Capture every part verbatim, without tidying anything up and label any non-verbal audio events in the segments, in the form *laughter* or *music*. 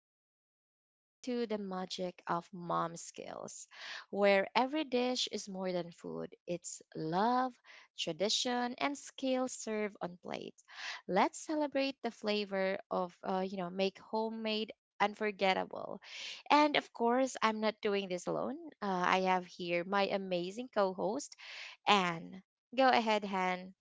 We're going to dive into the magic of mom skills, where every dish is more than food, it's love, tradition, and skill served on plate. Let's celebrate the flavor of, uh, you know, make homemade unforgettable. And of course, I'm not doing this alone. Uh, I have here my amazing co host, Anne. Go ahead, Han.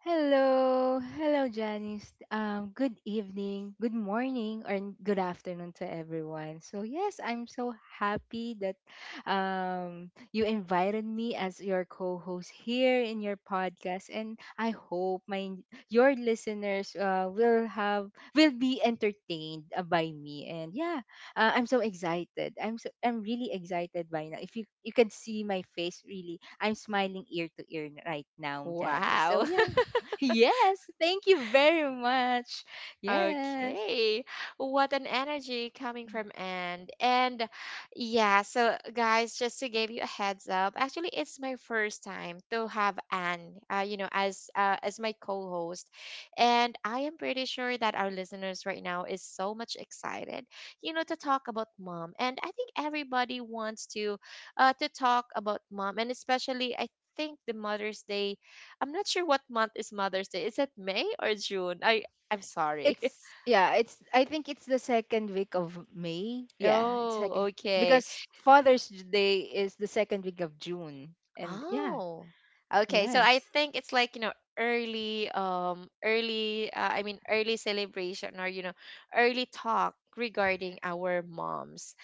Hello, hello, Janice. Um, good evening, good morning, or n- good afternoon to everyone. So yes, I'm so happy that um, you invited me as your co-host here in your podcast, and I hope my your listeners uh, will have will be entertained uh, by me. And yeah, uh, I'm so excited. I'm so I'm really excited by now. If you you can see my face, really, I'm smiling ear to ear right now, Janice. So Wow. yeah. Yes, thank you very much. Yes. Okay. What an energy coming from Anne. And yeah, so guys, just to give you a heads up, actually it's my first time to have Anne, uh, you know, as uh, as my co-host. And I am pretty sure that our listeners right now is so much excited, you know, to talk about mom. And I think everybody wants to uh to talk about mom, and especially I think the Mother's Day, I'm not sure what month is Mother's Day. Is it May or June? I I'm sorry. *laughs* It's yeah, it's I think it's the second week of May. Yeah, it's Oh, second okay. because Father's Day is the second week of June. And yeah, Oh, okay. So I yes. think it's like, you know, early, um, early, uh, I mean, early celebration, or, you know, early talk regarding our moms.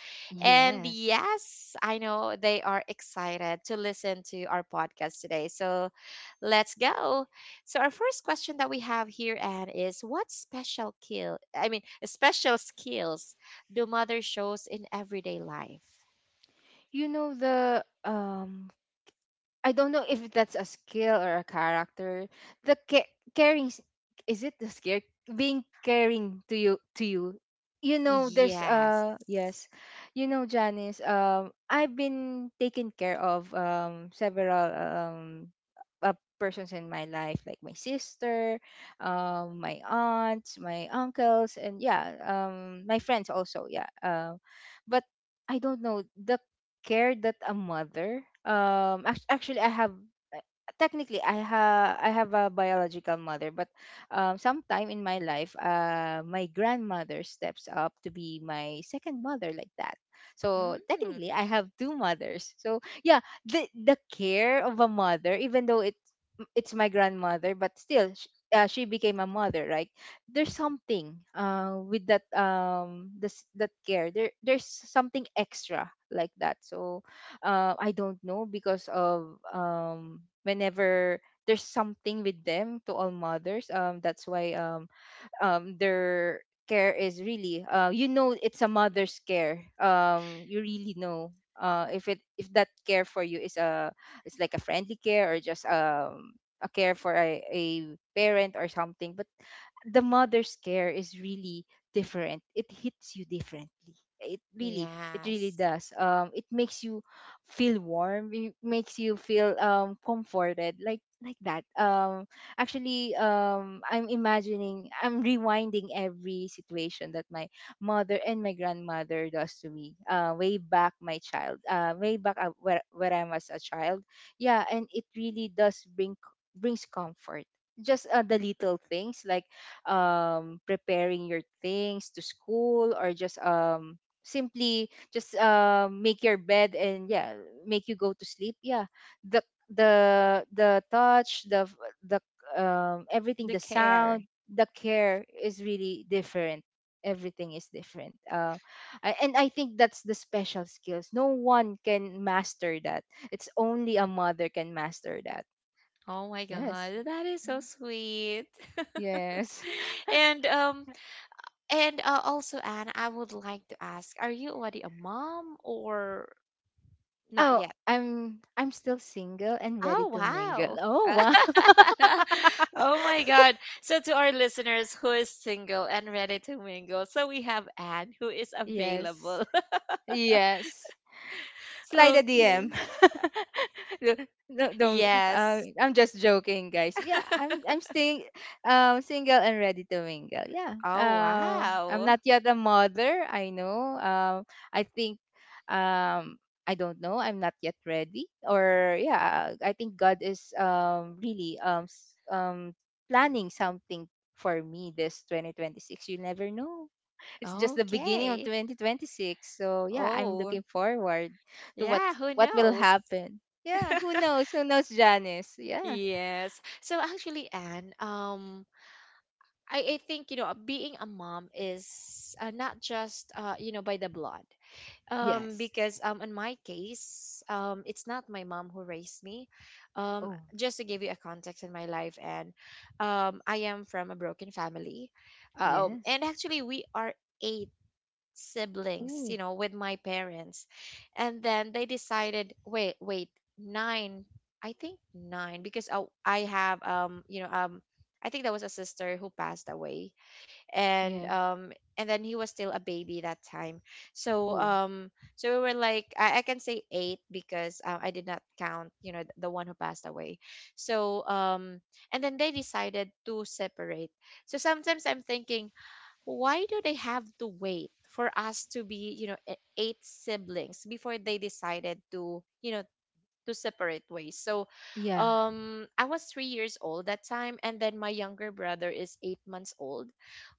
And Yes. yes, I know they are excited to listen to our podcast today. So let's go. So our first question that we have here, Anne, is what special kill, I mean, special skills do mother shows in everyday life? You know the um I don't know if that's a skill or a character. The ca- Caring s- is it the skill being caring to you to you. You know, there's Yes. uh yes, you know Janice. Um, I've been taking care of um several um uh, persons in my life like my sister, um my aunts, my uncles, and yeah, um my friends also yeah. Um, but I don't know the care that a mother um act- actually I have uh, technically I ha I have a biological mother but um sometime in my life uh my grandmother steps up to be my second mother like that. So technically Mm, I have two mothers. So yeah, the the care of a mother even though it's it's my grandmother but still sh- uh, she became a mother right, there's something uh, with that um this that care there there's something extra like that so uh, I don't know because of um whenever there's something with them to all mothers um that's why um um their care is really uh you know it's a mother's care. um you really know uh if it if that care for you is a it's like a friendly care or just um a care for a, a parent or something, but the mother's care is really different. It hits you differently. It really, it really yes. does. Um, it makes you feel warm. It makes you feel um comforted, like like that. Um, actually, um, I'm imagining, I'm rewinding every situation that my mother and my grandmother does to me. Uh, way back my child. Uh, way back uh, where where I was a child. Yeah, and it really does bring brings comfort, just uh, the little things like um preparing your things to school, or just um simply just um make your bed, and yeah, make you go to sleep. Yeah, the the the touch, the f- the um everything, The the sound, care. the care is really different, everything is different. Uh, I- and I think that's the special skills no one can master that, it's only a mother can master that. Oh my Yes. God, that is so sweet. *laughs* Yes. And um and uh, also, Anne, I would like to ask, are you already a mom or not Oh, yet? I'm I'm still single and ready Oh to mingle. wow. Oh wow. *laughs* *laughs* Oh my God. So to our listeners who is single and ready to mingle, so we have Anne who is Yes. available. *laughs* Yes. Slide a D M. Okay. *laughs* No, no, don't. Yes. Uh, I'm just joking, guys. Yeah, I'm I'm staying um single and ready to mingle. Yeah. Oh, Um, I'm wow. not yet a mother. I know. Um, I think. Um, I don't know. I'm not yet ready. Or yeah, I think God is um really um s- um planning something for me this twenty twenty-six. You never know, it's just the beginning of Okay. twenty twenty-six. So yeah, I'm Oh, looking forward to what yeah, who what will knows? happen. *laughs* Yeah, who knows? Who knows, Janice? Yeah. Yes. So actually, Anne, um, I, I think, you know, uh, being a mom is uh, not just, uh, you know, by the blood. Um, Yes. because um, in my case, um, it's not my mom who raised me. Um, Oh, just to give you a context in my life, and um, I am from a broken family. Uh, Um, yes. and actually, we are eight siblings, Oh, you know, with my parents. And then they decided, wait, wait, nine, I think nine, because I, I have, um, you know, um, I think that was a sister who passed away, and yeah. um, and then he was still a baby that time. So Oh, um, so we were like, I, I can say eight because uh, I did not count, you know, the one who passed away. So um, and then they decided to separate. So sometimes I'm thinking, why do they have to wait for us to be, you know, e- eight siblings before they decided to, you know, to separate ways. So, yeah. um, I was three years old that time, and then my younger brother is eight months old.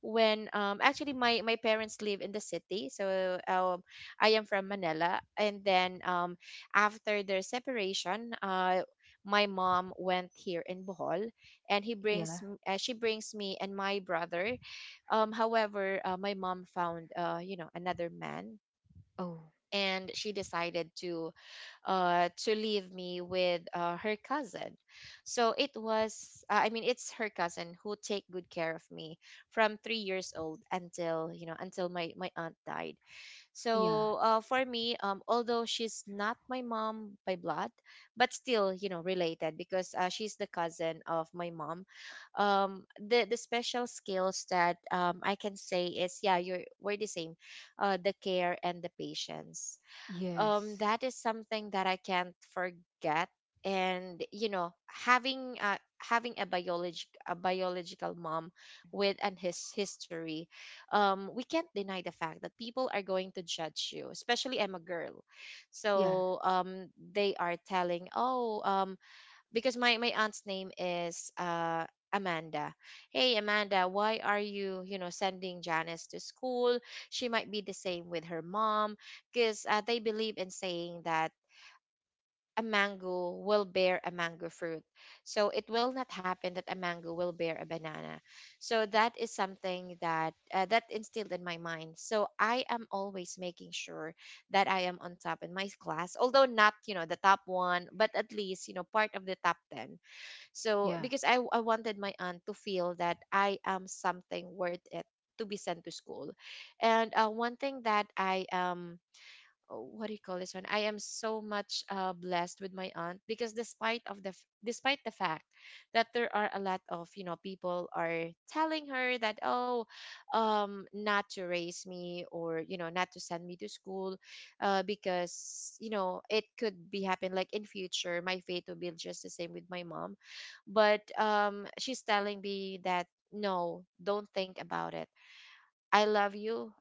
When um, actually my my parents live in the city, so um, I am from Manila, and then um, after their separation, uh. My mom went here in Bohol, and he brings Yeah. m- uh, she brings me and my brother. Um, however, uh, my mom found uh, you know another man, Oh, and she decided to uh, to leave me with uh, her cousin. So it was, uh, I mean, it's her cousin who take good care of me from three years old until, you know, until my my aunt died. yeah. So uh, for me, um, although she's not my mom by blood, but still, you know, related because uh, she's the cousin of my mom. Um, the the special skills that um, I can say is, yeah, you're we're the same, uh, the care and the patience, um, Yes. that is something that I can't forget. And you know, having uh, having a biologic a biological mom with an his history, um, we can't deny the fact that people are going to judge you, especially I'm a girl. Yeah. So um, they are telling, oh, um because my my aunt's name is uh Amanda. Hey Amanda, why are you, you know, sending Janice to school? She might be the same with her mom, because uh, they believe in saying that a mango will bear a mango fruit. So it will not happen that a mango will bear a banana. So that is something that uh, that instilled in my mind. So I am always making sure that I am on top in my class, although not, you know, the top one, but at least, you know, part of the top ten. So Yeah. because I I wanted my aunt to feel that I am something worth it to be sent to school. And uh, one thing that I am, oh, what do you call this one? I am so much uh, blessed with my aunt, because despite of the f- despite the fact that there are a lot of, you know, people are telling her that, oh, um, not to raise me or, you know, not to send me to school, uh, because you know it could be happen like in future my fate will be just the same with my mom, but um, she's telling me that no, don't think about it. I love you.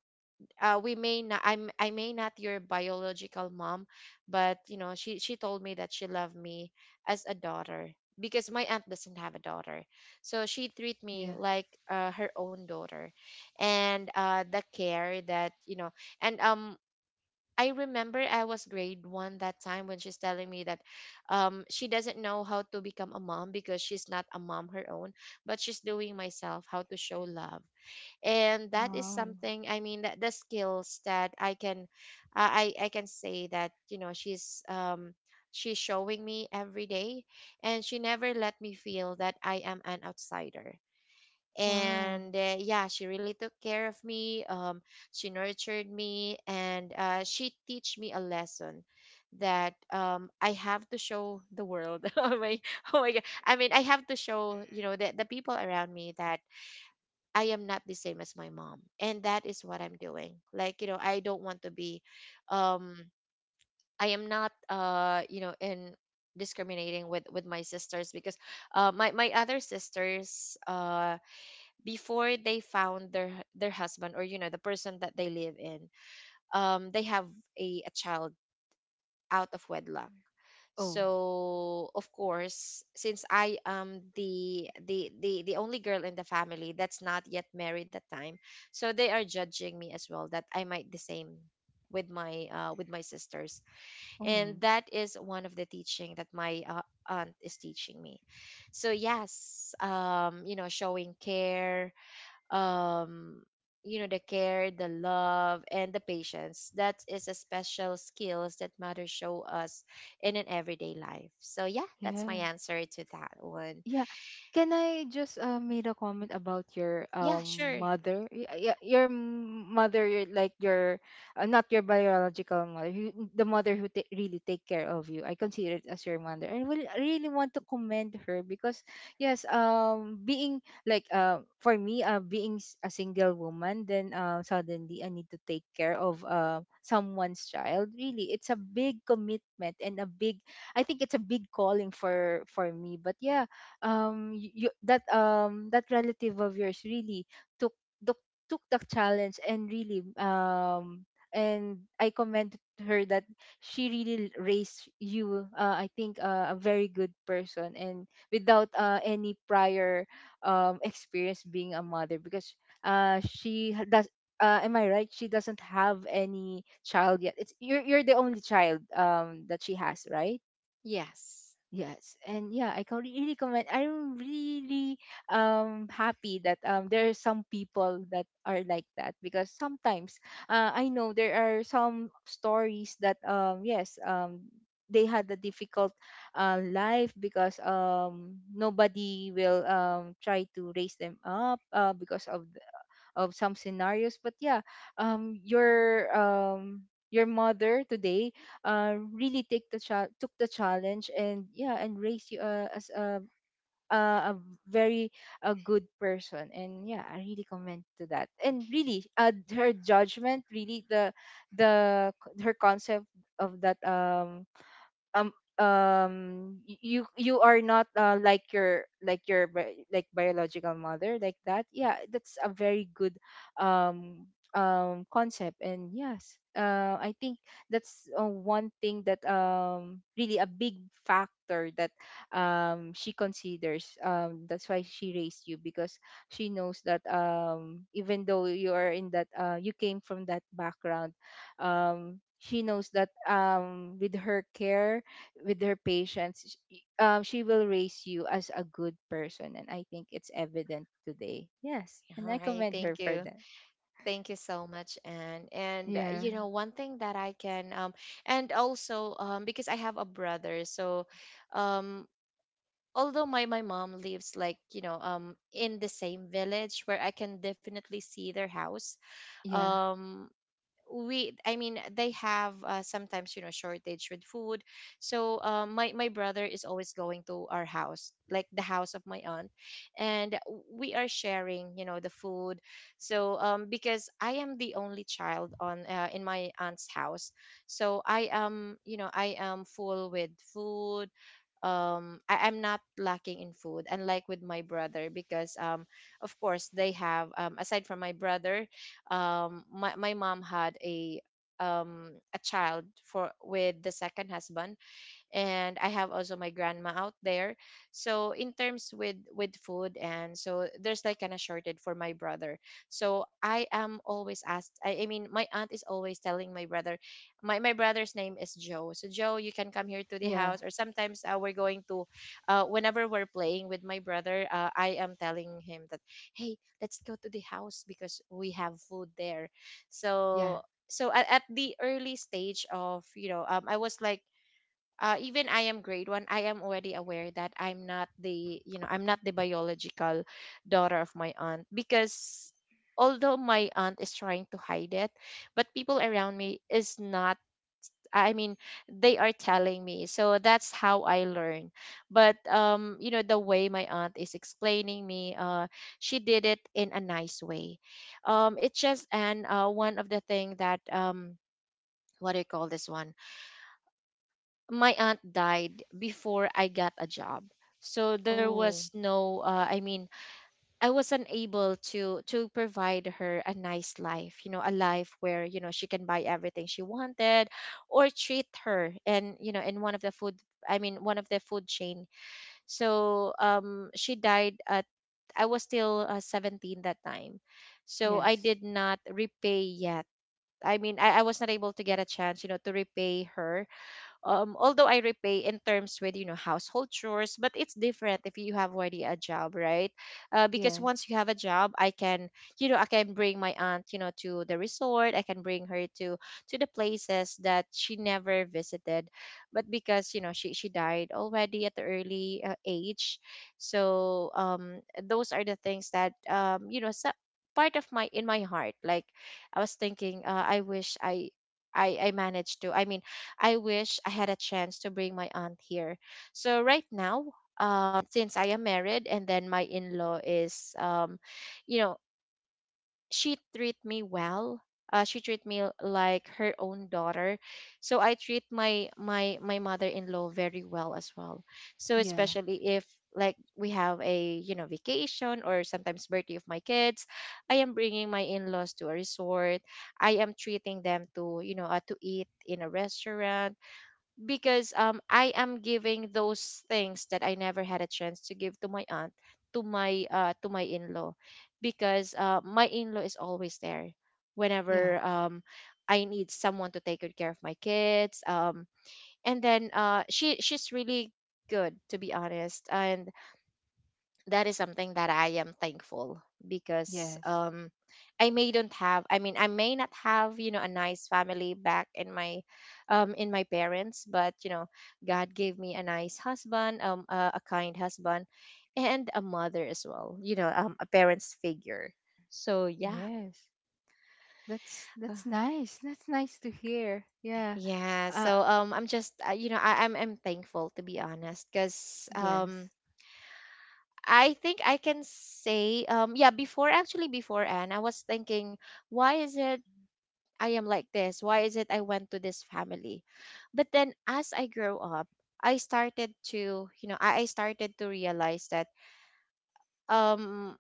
uh, we may not, I'm I may not your biological mom, but you know, she she told me that she loved me as a daughter because my aunt doesn't have a daughter. So she treat me Yeah. like uh, her own daughter, and uh, the care that, you know, and um I remember I was grade one that time when she's telling me that um, she doesn't know how to become a mom because she's not a mom her own, but she's doing myself how to show love, and that is Wow. something, I mean that the skills that i can i i I can say that, you know, she's um, she's showing me every day, and she never let me feel that I am an outsider. Wow. And uh, yeah, she really took care of me. Um, she nurtured me, and uh, she teach me a lesson that um, I have to show the world. *laughs* oh my oh my god I mean I have to show, you know, the, the people around me that I am not the same as my mom. And that is what I'm doing. Like, you know, I don't want to be um, I am not uh, you know, in discriminating with with my sisters. Because uh my my other sisters, uh, before they found their their husband, or you know, the person that they live in, um, they have a, a child out of wedlock. Oh. So of course, since I am the the the the only girl in the family that's not yet married that time, so they are judging me as well that I might the same with my uh, with my sisters. And Oh. that is one of the teaching that my uh, aunt is teaching me. So yes, um, you know, showing care, um, you know, the care, the love, and the patience, that is a special skills that mothers show us in an everyday life. So yeah, that's my Yeah. answer to that one. Yeah. Can I just uh, made a comment about your Yeah, um sure. mother? Yeah, your m- mother, your, like your uh, not your biological mother, who, the mother who ta- really take care of you. I consider it as your mother. I will I really want to commend her because yes, um, being like uh, for me, uh, being s- a single woman, then uh, suddenly I need to take care of uh, someone's child. Really, it's a big commitment and a big, I think it's a big calling for for me. But yeah, um y- you, that um that relative of yours really took took took the challenge and really um and I commend her that she really raised you uh, I think uh, a very good person, and without uh, any prior um experience being a mother because uh she ha- does uh, am I right? She doesn't have any child yet. It's You're you're the only child um that she has, right? Yes. Yes, and yeah, I can really comment. I'm really um happy that um there are some people that are like that because sometimes uh, I know there are some stories that um yes um they had a difficult uh, life because um nobody will um try to raise them up uh, because of of some scenarios but yeah um your um your mother today uh really take the cha- took the challenge and yeah and raised you uh, as a uh, a very a good person, and yeah I really commend to that, and really uh, her judgment really, the the her concept of that um um um y- you you are not uh, like your like your bi- like biological mother like that. Yeah, that's a very good um um concept, and yes uh I think that's uh, one thing that um really a big factor that um she considers um that's why she raised you because she knows that um even though you are in that uh you came from that background um she knows that um with her care with her patience, sh- um, she will raise you as a good person, and I think it's evident today. Yes, and All I right, commend thank her for you. that. Thank you so much, and and uh, Yeah, you know, one thing that I can um and also, um, because I have a brother. So um, although my my mom lives like, you know, um, in the same village where I can definitely see their house, yeah, um, we I mean they have uh, sometimes you know shortage with food. So uh, my my brother is always going to our house, like the house of my aunt, and we are sharing, you know, the food. So um, because I am the only child on uh, in my aunt's house, so I am, you know, I am full with food. um I, I'm not lacking in food, unlike with my brother, because um, of course they have um, aside from my brother, um, my, my mom had a um, a child for with the second husband, and I have also my grandma out there. So in terms with with food, and so there's like kind of shorted for my brother. So I am always asked. I, I mean, my aunt is always telling my brother, my my brother's name is Joe. So Joe, you can come here to the yeah, house. Or sometimes uh, we're going to, uh, whenever we're playing with my brother, uh, I am telling him that, hey, let's go to the house because we have food there. yeah. So so at, at the early stage of, you know, um, I was like, uh, even I am grade one, I am already aware that I'm not the, you know, I'm not the biological daughter of my aunt, because although my aunt is trying to hide it, but people around me is not. I mean, they are telling me. So that's how I learn. But um, you know, the way my aunt is explaining me, uh, she did it in a nice way. Um, it's just and uh, one of the thing that um, what do you call this one? My aunt died before I got a job. So there Oh, was no uh, I mean I was unable to to provide her a nice life, you know, a life where, you know, she can buy everything she wanted or treat her and you know, in one of the food I mean one of the food chain. So um she died at I was still uh, seventeen that time. So I yes, did not repay yet. I mean I, I was not able to get a chance, you know, to repay her um, although I repay in terms with you know household chores, but it's different if you have already a job, right? Uh, because yes, once you have a job, I can you know I can bring my aunt you know to the resort. I can bring her to to the places that she never visited, but because you know she she died already at the early uh, age, so um those are the things that um you know so, part of my in my heart like I was thinking uh, I wish I. I, I managed to I mean I wish I had a chance to bring my aunt here. So right now, um, since I am married and then my in-law is, um, you know, she treat me well. Uh, she treat me like her own daughter, so I treat my my my mother-in-law very well as well. So yeah, especially if like we have a you know vacation or sometimes birthday of my kids, I am bringing my in-laws to a resort. I am treating them to you know uh, to eat in a restaurant because um I am giving those things that I never had a chance to give to my aunt to my uh to my in-law because uh my in-law is always there yeah, whenever um I need someone to take good care of my kids um and then uh she she's really good to be honest and that is something that I am thankful because yes, um I may don't have I mean I may not have you know a nice family back in my um in my parents, but you know God gave me a nice husband um a, a kind husband and a mother as well you know um a parents figure so yeah. yes. That's Uh, that's nice. That's nice to hear. Yeah. yeah Uh. so um I'm just uh, you know I I'm, I'm thankful to be honest because um Yes. I think I can say, um, yeah, before actually before Anne, I was thinking, why is it I am like this? Why is it I went to this family? But then as I grew up, I started to, you know, I, I started to realize that um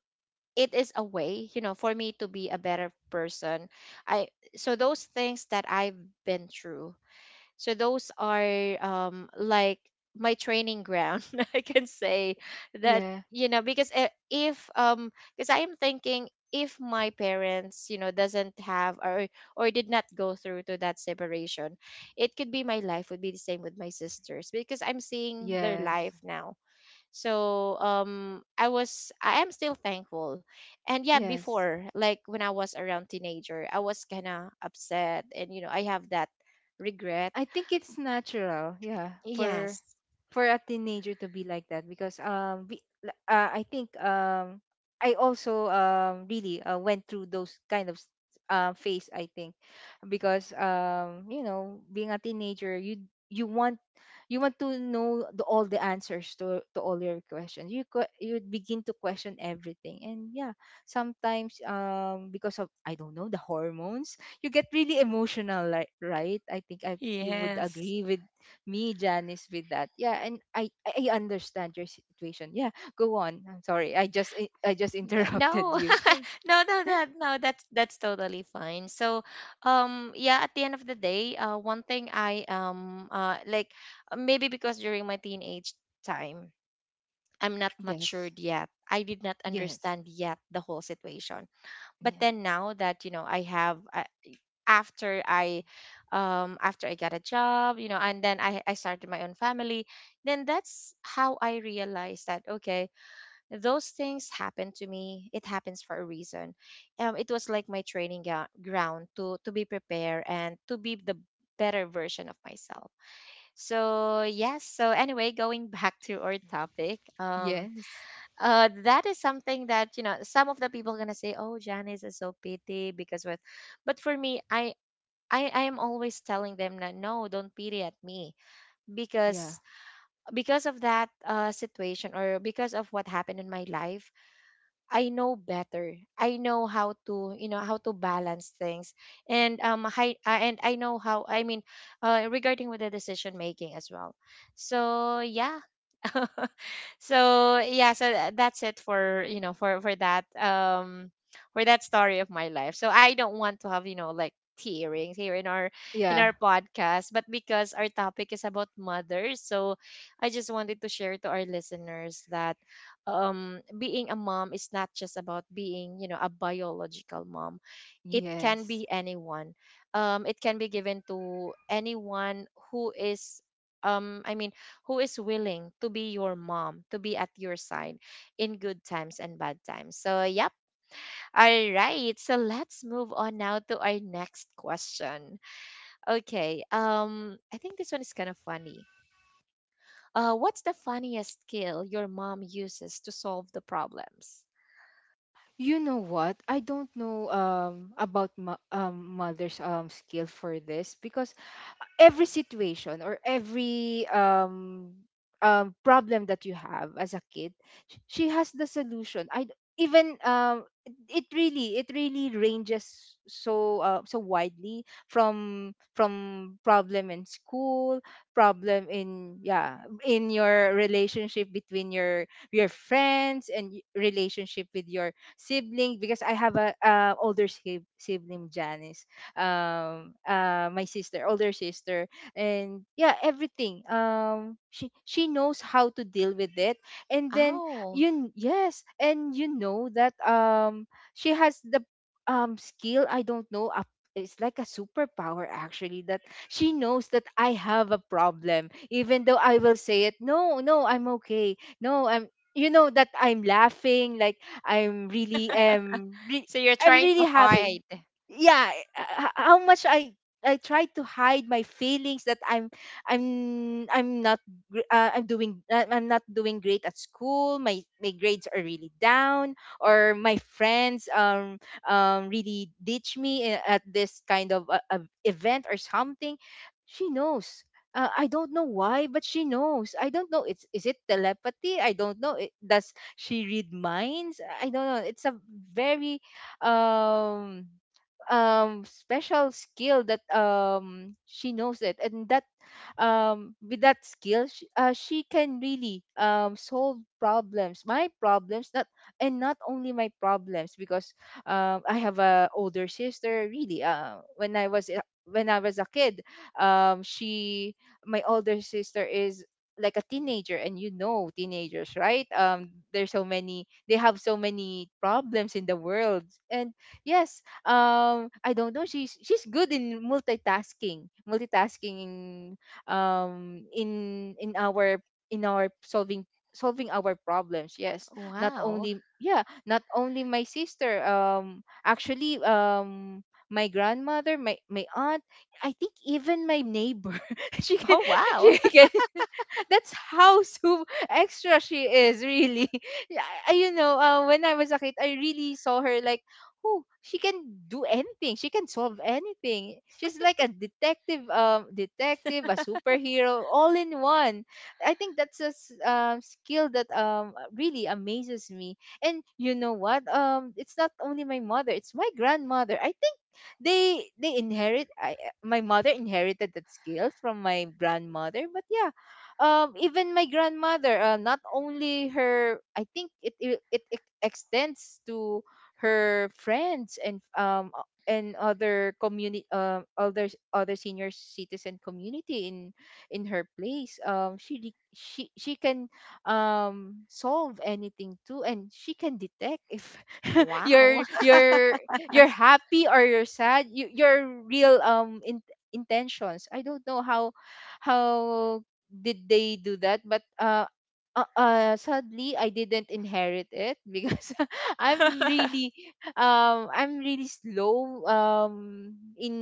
it is a way, you know, for me to be a better person. I so those things that I've been through, so those are um like my training ground. *laughs* I can say that, Yeah. you know, because uh, if um because I am thinking if my parents you know doesn't have or or did not go through to that separation, it could be my life would be the same with my sisters because I'm seeing their life Yes. now. So um I was I am still thankful. And yeah, Yes. before like when I was around teenager I was kind of upset, and you know I have that regret. I think it's natural, yeah, for Yes. for a teenager to be like that because um we l- uh, I think um I also um really uh, went through those kind of s- uh, phase I think because um you know being a teenager you you want you want to know the, all the answers to to all your questions. You que- you begin to question everything, and yeah, sometimes um because of I don't know, the hormones, you get really emotional, like, right? I think I you would Yes. agree with me, Janice, with that. Yeah, and I I I understand your situation. Yeah, go on. I'm sorry. I just I I just *laughs* N- interrupted No, you. *laughs* Sorry. no, no, that no, that's that's totally fine. So, um, yeah, at the end of the day, uh, one thing I um, uh, like uh, maybe because during my teenage time, I'm not Yes. matured yet. I did not Yes. understand yet the whole situation. But Yeah. then now that you know, I have uh, after I, um, after I got a job, you know, and then I I started my own family. Then that's how I realized that okay those things happen to me, it happens for a reason. Um it was like my training ga- ground to to be prepared and to be the better version of myself. So yes, so anyway going *laughs* back to our topic, um Yes. uh that is something that you know some of the people gonna say oh Janice is so pity because what, but for me i I, I am always telling them that no, don't pity at me Yeah. because because of that uh, situation or because of what happened in my life I know better. I know how to, you know, how to balance things, and um, hi, uh, and I know how. I mean, uh, regarding with the decision making as well. So yeah, *laughs* so yeah, so tha- that's it for you know for for that um for that story of my life. So I don't want to have you know like tearings here in our in Yeah. our podcast, but because our topic is about mothers, so I just wanted to share to our listeners that um, being a mom is not just about being, you know, a biological mom. It can Yes. be anyone. Um, it can be given to anyone who is, um, I mean, who is willing to be your mom, to be at your side in good times and bad times. So, yep. All right. So let's move on now to our next question. Okay. Um, I think this one is kind of funny. Uh, what's the funniest skill your mom uses to solve the problems? You know what? I don't know um about mo- um mother's um skill for this because every situation or every um um problem that you have as a kid, sh- she has the solution. I d- even um it it really, it really ranges so uh, so widely from from problem in school, problem in yeah in your relationship between your your friends, and y- relationship with your sibling because I have a uh, older sib- sibling, Janice. Um uh my sister, older sister, and yeah everything um she she knows how to deal with it, and then Oh, you yes. And you know that um she has the um skill, I don't know, a it's like a superpower actually, that she knows that I have a problem even though I will say it no, no, I'm okay, no, I'm you know that I'm laughing like I'm really um re- so you're I'm trying to really happy hide. yeah, uh, h- how much I I try to hide my feelings that i'm i'm I'm not gr- uh, i'm doing uh, I'm not doing great at school, my my grades are really down, or my friends um um really ditch me i- at this kind of uh, uh, event or something, she knows. uh, I don't know why, but she knows. I don't know. It's, is it telepathy? I don't know. It, does she read minds? I don't know. It's a very um um special skill that um she knows it, and that um, with that skill, she, uh, she can really um, solve problems, my problems, not and not only my problems because um, I have a older sister. Really, uh, when I was a- when I was a kid, um, she my older sister is like a teenager, and you know teenagers, right? Um there's so many, they have so many problems in the world, and yes um I don't know, she's she's good in multitasking, multitasking um in in our in our solving solving our problems, yes. Not Wow. only, yeah, not only my sister, um actually um my grandmother, my my aunt, I think even my neighbor *laughs* she can, Oh, *laughs* wow. she *laughs* can *laughs* that's how so extra she is really. *laughs* Yeah, I, you know uh, when I was a kid I really saw her like who she can do anything. She can solve anything. She's like a detective, um, detective, a superhero, all in one. I think that's a s- um, skill that um really amazes me. And you know what? Um, it's not only my mother; it's my grandmother. I think they they inherit. I, my mother inherited that skill from my grandmother. But yeah, um, even my grandmother, uh, not only her. I think it it, it ex- extends to her friends and um o- and other community, um other other senior citizen community in in her place. um she de- she she can um solve anything too, and she can detect if *laughs* Wow. you're you're you're happy or you're sad, you, your real um in, intentions. I don't know how how did they do that, but uh uh, uh sadly I didn't inherit it *laughs* because *laughs* I'm *laughs* really um I'm really slow um in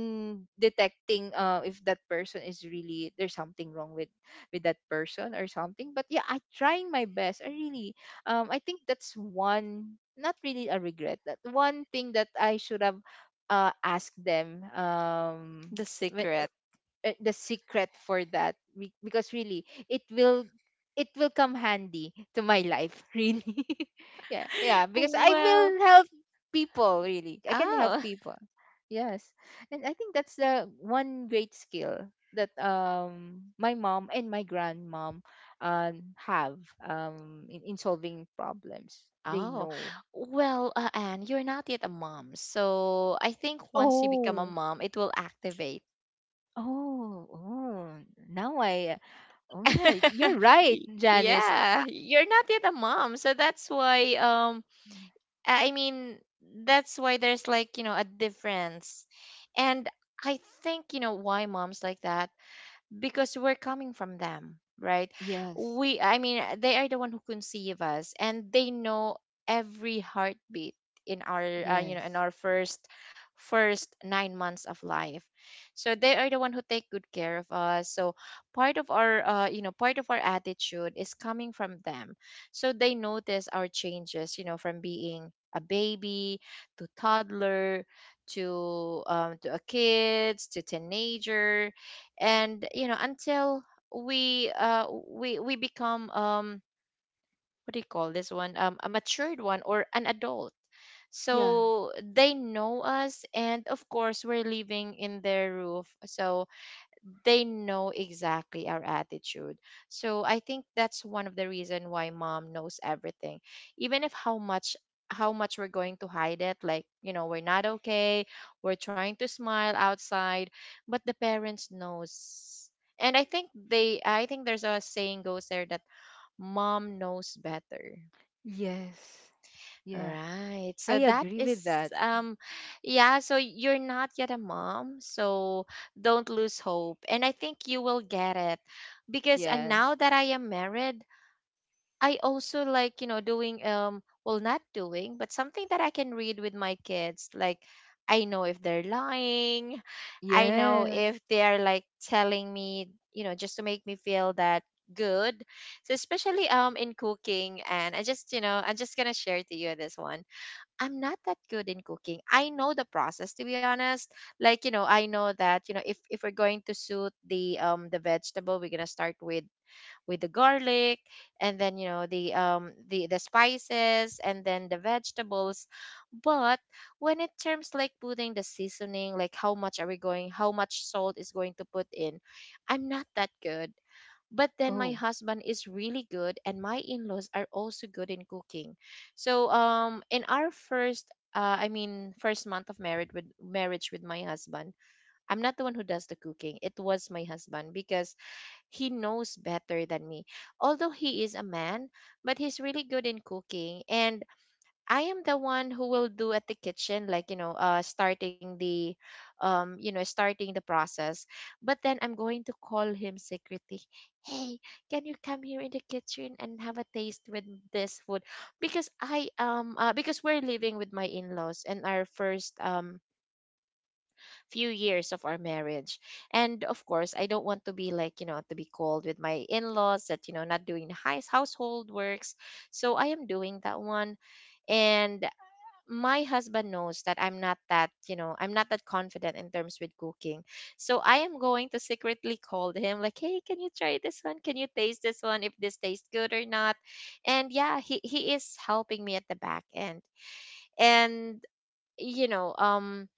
detecting uh if that person is really, there's something wrong with with that person or something. But yeah, I trying my best. I really um I think that's one, not really a regret. That one thing that I should have uh asked them um The when secret. uh, the secret for that. Be- because really, it will, it will come handy to my life, *laughs* really. Yeah, yeah, *laughs* because I Well, will help people. Really, I can help oh, people. Yes. And I think that's the one great skill that um my mom and my grandmom um have, um in, in solving problems *laughs* they oh. know. Well, uh, Anne, you're not yet a mom. So I think once you become a Oh. mom, it will activate. Oh, oh. Now I. Oh, yeah, you're *laughs* right, Y- Janice. I, Yeah, you're not yet a mom. So that's why um I- I I mean, that's why there's like, you know, a difference. And I think, you know, why moms like that because we're coming from them, right? Yes, we I mean uh, They are the one who conceive us and they know every heartbeat in our uh, you know in yes, our first first nine months of life. So they are the one who take good care of us, so part of our uh, you know part of our attitude is coming from them. So they notice our changes you know from being a baby to toddler to um, to a kids to teenager and you know until we uh we we become um what do you call this one, um a matured one or an adult. yeah, So they know us and of course we're living in their roof, so they know exactly our attitude. So I think that's one of the reason why mom knows everything. Even if how much how much we're going to hide it, like, you know, we're not okay, we're trying to smile outside, but the parents knows. And I think they I think there's a saying goes there that mom knows better. yes, yeah. Right. I So that agree is with that. um yeah, so you're not yet a mom, so don't lose hope. And I think you will get it because and now Yes, that I am married, I also like, you know, doing um well not doing, but something that I can read with my kids. Like I know if they're lying. I know yes. if they're like telling me, you know, just to make me feel that good. So especially um in cooking and I just, you know, I'm just going to share to you this one, I'm not that good in cooking. I know the process to be honest. Like, you know, I know that, you know, if if we're going to suit the um the vegetable, we're gonna start with with the garlic and then you know the um the the spices and then the vegetables, but when it terms like putting the seasoning like how much are we going how much salt is going to put in, I'm not that good. But then my Oh, husband is really good and my in-laws are also good in cooking. So um in our first uh, I mean, first month of marriage with marriage with my husband. I'm not the one who does the cooking. It was my husband because he knows better than me. Although he is a man, but he's really good in cooking. And I am the one who will do at the kitchen, like, you know, uh, starting the, um, you know, starting the process. But then I'm going to call him secretly. Hey, can you come here in the kitchen and have a taste with this food? Because I um, uh, because we're living with my in-laws and our first um few years of our marriage. And of course, I don't want to be like, you know, to be called with my in-laws that, you know, not doing the house household works. So I am doing that one. And my husband knows that I'm not that, you know, I'm not that confident in terms with cooking. So I am going to secretly call him like, "Hey, can you try this one? Can you taste this one if this tastes good or not?" And yeah, he he is helping me at the back end. And you know, um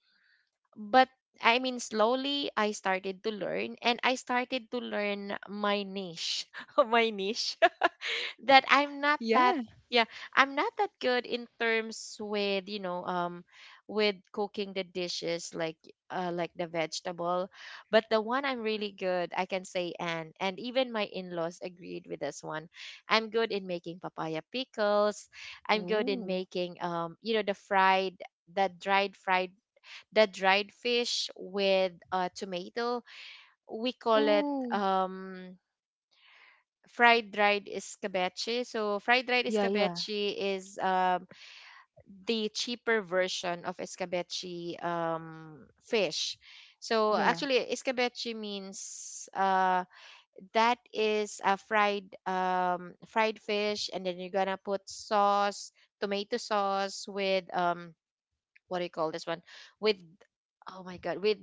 but I mean, slowly I started to learn and I started to learn my niche, *laughs* my niche *laughs* that I'm not that, yeah. yeah, I'm not that good in terms with, you know, um, with cooking the dishes like, uh, like the vegetable. But the one I'm really good, I can say, and, and even my in laws agreed with this one. I'm good in making papaya pickles. I'm good in Ooh, making, um, you know, the fried, that dried fried the dried fish with uh, tomato. We call it ooh, um, fried dried escabeche. So fried dried yeah, yeah, escabeche is um, the cheaper version of escabeche um, fish. So yeah, actually, escabeche means uh, that is a fried um, fried fish, and then you're gonna put sauce, tomato sauce with um, what do you call this one with oh my god, with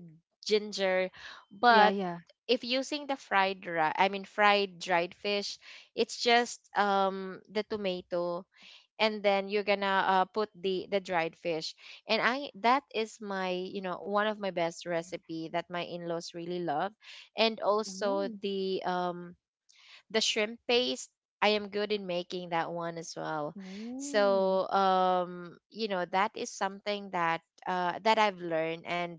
ginger. yeah, But yeah. if using the fried ri- I mean fried dried fish, it's just um the tomato, and then you're gonna uh, put the the dried fish. And i that is my, you know, one of my best recipe that my in-laws really love. And also Ooh, the um the shrimp paste, I am good in making that one as well. ooh, So, um, you know, that is something that uh, that I've learned, and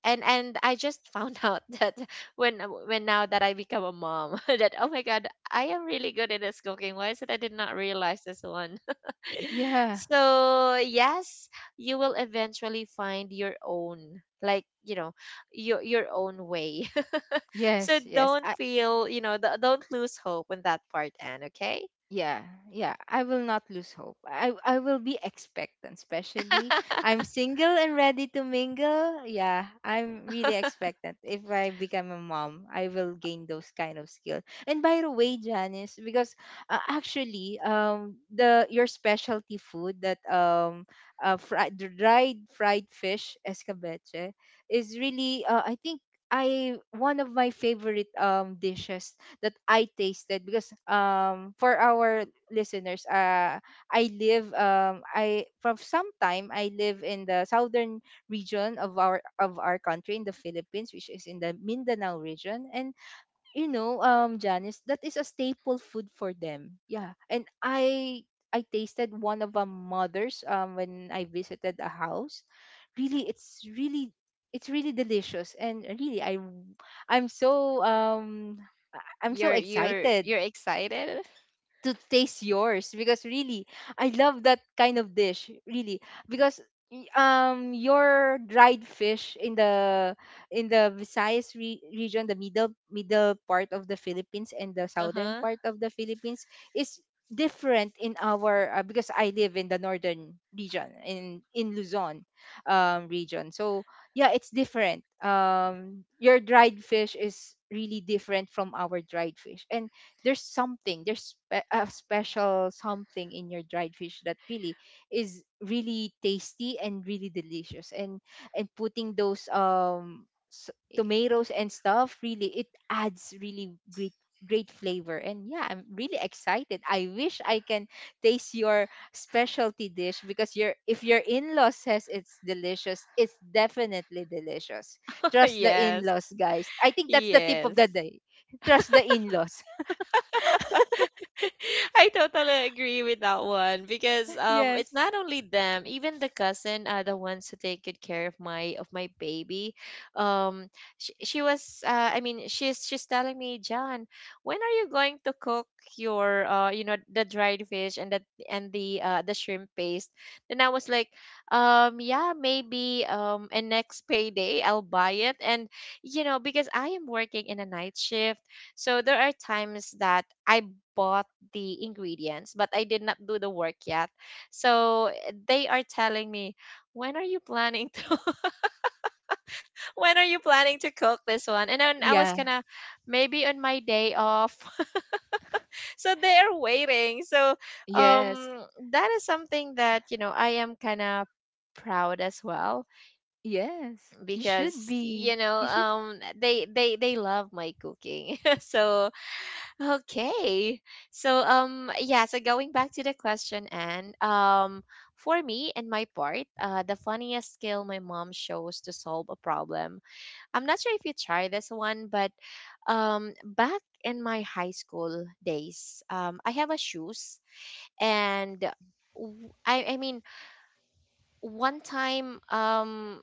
and and I just found out *laughs* that when when now that I become a mom *laughs* that oh my god, I am really good at this cooking. Why is it I did not realize this one? *laughs* yeah. So yes, you will eventually find your own, like, you know, your your own way. *laughs* So Yes, yes. don't feel, you know, th- don't lose hope on that part, Anne, okay? Yeah, yeah, I will not lose hope. I i will be expectant, especially I'm *laughs* single and ready to mingle. Yeah, I'm really expectant. If I become a mom, I will gain those kind of skill. And by the way, Janice, because uh, actually um the your specialty food that um uh, fried dried fried fish escabeche is really, uh, I think I one of my favorite um dishes that I tasted. Because um for our listeners, uh I live, um I from some time I live in the southern region of our of our country, in the Philippines, which is in the Mindanao region. And you know, um, Janice, that is a staple food for them. Yeah, and I I tasted one of a mother's um when I visited a house. Really, it's really, it's really delicious. And really I I'm I'm so um I- I'm so you're you're excited you're excited. to taste yours, because really I love that kind of dish, really. Because y- um your dried fish in the in the Visayas re- region, the middle middle part of the Philippines and the southern Uh-huh. part of the Philippines, is different in our. Uh, because I live in the northern region in in Luzon um region. So yeah, it's different. Um your dried fish is really different from our dried fish. And there's something, there's spe- a special something in your dried fish that really is really tasty and really delicious. and and putting those um s- *laughs* tomatoes and stuff, really it adds really great great flavor. And yeah, I'm really excited. I wish I can taste your specialty dish, because your, if your in-law says it's delicious, it's definitely delicious. Trust the Yes, in-laws, guys. I think that's the tip of the yes. day. Trust the in-laws. *laughs* I totally agree with that one, because um, it's Yes. not only them, even the cousin are the ones who take good care of my of my baby. Um, she, she was uh, I mean, she's she's telling me, "John, when are you going to cook your, uh, you know, the dried fish and the and the, uh, the shrimp paste?" Then I was like, "Um, yeah, maybe um, and next payday I'll buy it." And you know, because I am working in a night shift, so there are times that I bought the ingredients, but I did not do the work yet. So they are telling me, when are you planning to *laughs* when are you planning to cook this one? And then I was Yeah. gonna maybe on my day off. *laughs* So they are waiting. So Yes. um, that is something that, you know, I am kinda proud as well, Yes. You should because be. you know You should. um, they they they love my cooking. *laughs* So okay. So um, yeah, so going back to the question. And um, for me and my part, uh, the funniest skill my mom shows to solve a problem. I'm not sure if you try this one, but um, back in my high school days, um, I have a shoes. And w- I I mean one time, um,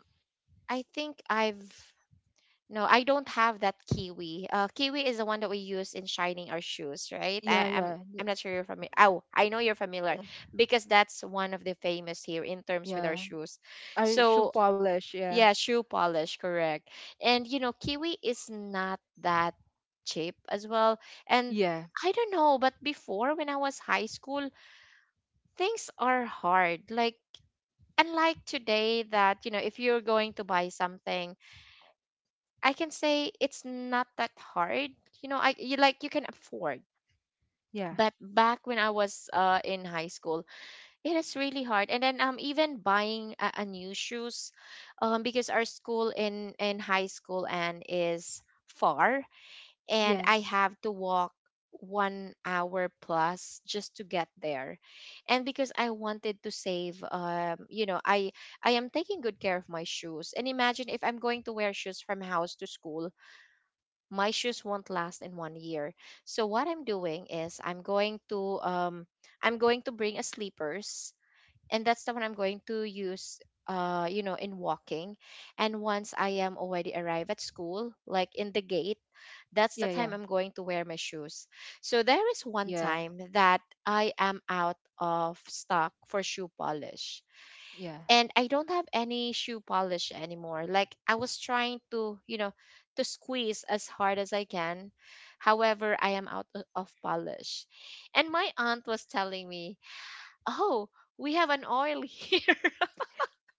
I think I've no, I don't have that kiwi. Uh, kiwi is the one that we use in shining our shoes, right? Yeah. I, I'm Yeah. th- I'm not sure you're familiar. Oh, I know you're familiar uh, because that's one of the famous here in terms with our Yeah. shoes. I should So polish. Yeah. yeah, shoe polish, correct. And you know, kiwi is not that cheap as well. And Yeah. I don't know, but before when I was high school, things are hard. Like unlike today, that you know, if you're going to buy something, I can say it's not that hard. You know, I, you like, you can afford. Yeah. But back when I was, uh, in high school, it is really hard. And then um, even buying a, a new shoes, um, because our school in in high school and is far, and I Yes. have to walk one hour plus just to get there. And because I wanted to save, um, you know, i i am taking good care of my shoes. And imagine if I'm going to wear shoes from house to school, my shoes won't last in one year. So what I'm doing is I'm going to um, I'm going to bring a sleepers, and that's the one I'm going to use, uh you know, in walking. And once I am already arrived at school, like in the gate, that's the Yeah. Yeah. time I'm going to wear my shoes. So there is one Yeah. time that I am out of stock for shoe polish, Yeah. and I don't have any shoe polish anymore. Like I was trying to, you know, to squeeze as hard as I can. However, I am out o- of polish. And my aunt was telling me, "Oh, we have an oil here,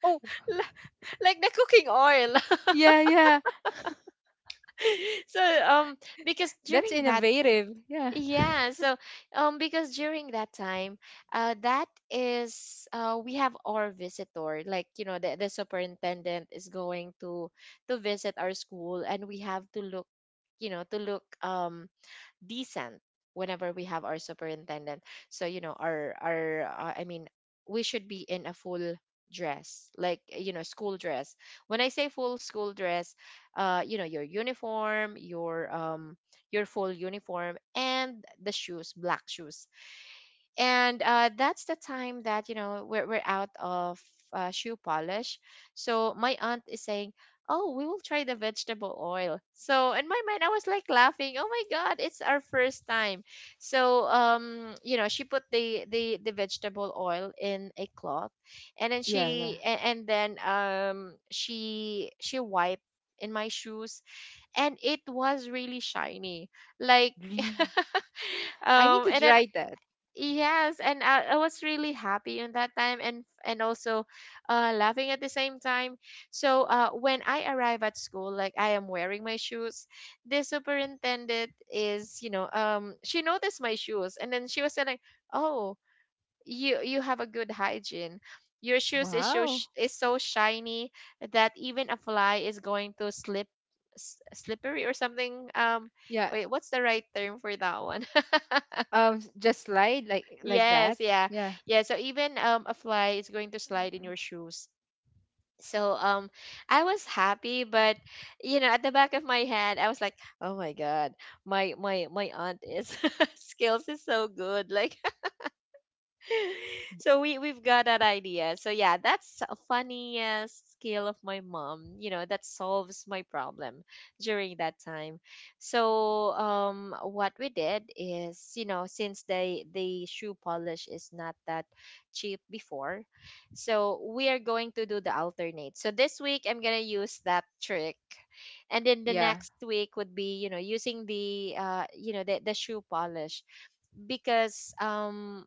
Oh. *laughs* li- like the cooking oil." Yeah. Yeah. *laughs* *laughs* So, um, because That's during that innovative. Yeah. yeah, so um, because during that time, uh, that is uh, we have our visitor, like you know, the, the superintendent is going to to visit our school, and we have to look, you know, to look um, decent whenever we have our superintendent. So you know, our our uh, I mean, we should be in a full dress, like you know, school dress. When I say full school dress, uh, you know, your uniform, your um, your full uniform, and the shoes, black shoes. And uh, that's the time that you know we're, we're out of, uh, shoe polish. So my aunt is saying, oh, we will try the vegetable oil. So in my mind I was like laughing, oh my god, it's our first time. So um, you know, she put the the, the vegetable oil in a cloth, and then Yeah. Yeah. she a- and then um she she wiped in my shoes, and it was really shiny, like *laughs* Green. I need um, to and then try that. yes, and I, I was really happy in that time, and and also, uh, laughing at the same time. So uh, when I arrive at school, like I am wearing my shoes, the superintendent is, you know, um, she noticed my shoes and then she was saying, "Oh, you you have a good hygiene. Your shoes is so Wow. sh- is so shiny that even a fly is going to slip." S- slippery or something, um, Yeah. wait, what's the right term for that one? *laughs* Um. s- Just slide like like Yes, that. yeah. Yeah. Yeah, so even um, a fly is going to slide in your shoes. So um, I was happy, but you know, at the back of my head I was like, "Oh my god, my my my aunt is *laughs* skills is so good." Like *laughs* so we we've got that idea. So yeah, that's a funniest skill of my mom. You know that solves my problem during that time. So um, what we did is, you know, since they the shoe polish is not that cheap before, so we are going to do the alternate. So this week I'm gonna use that trick, and then the Yeah. next week would be you know using the uh, you know, the the shoe polish, because um,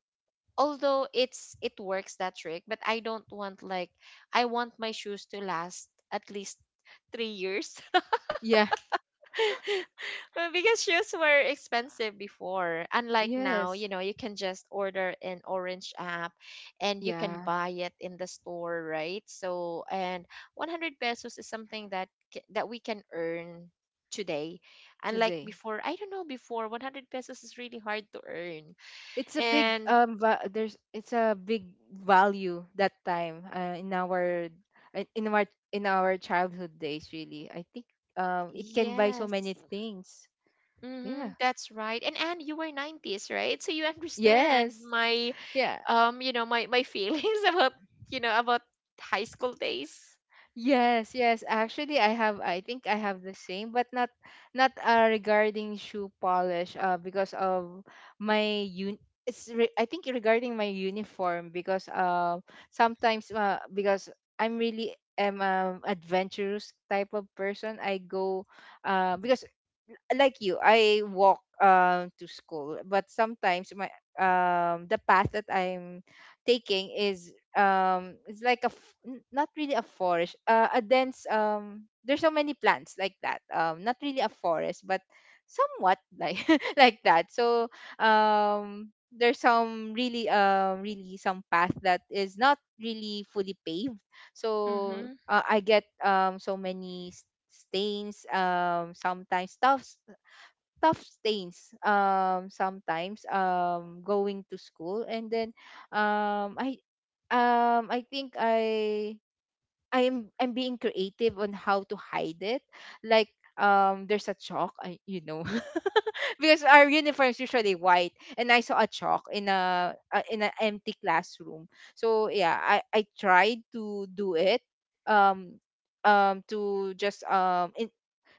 although it's it works that trick, but I don't want, like, I want my shoes to last at least three years. *laughs* Yeah. Well, because shoes were expensive before, unlike now, you Yes. know, you can just order an orange app and you can Yeah. buy it in the store, right? So and one hundred pesos is something that ca- that we can earn today, unlike Today. before. I don't know, before one hundred pesos is really hard to earn. It's a big And um va- there's, it's a big value that time, uh, in our, uh, in our in our childhood days, really, I think um it can buy so yes, many things. Yeah. mm-hmm, that's right. And Anne, you were nineties, right? So you understand Yes. my, Yeah. um, you know, my my feelings *laughs* about, you know, about high school days. Yes, yes. Actually, I have. I think I have the same, but not not, uh, regarding shoe polish. Uh, because of my un. It's re- I think regarding my uniform. Because uh sometimes, uh, because I'm really am um adventurous type of person. I go uh because like you, I walk um to school. But sometimes my um the path that I'm taking is, um it's like a f- n- not really a forest, uh, a dense, um there's so many plants like that. Um not really a forest, but somewhat like *laughs* like that. So um there's some really, um really some path that is not really fully paved. So Mm-hmm. uh, I get um so many stains, um sometimes tough tough stains, um sometimes um going to school, and then um I um I think i i'm I'm being creative on how to hide it. Like um there's a chalk, I, you know, *laughs* because our uniform is usually white, and I saw a chalk in a uh, in an empty classroom. So yeah, i i tried to do it, um um to just um in,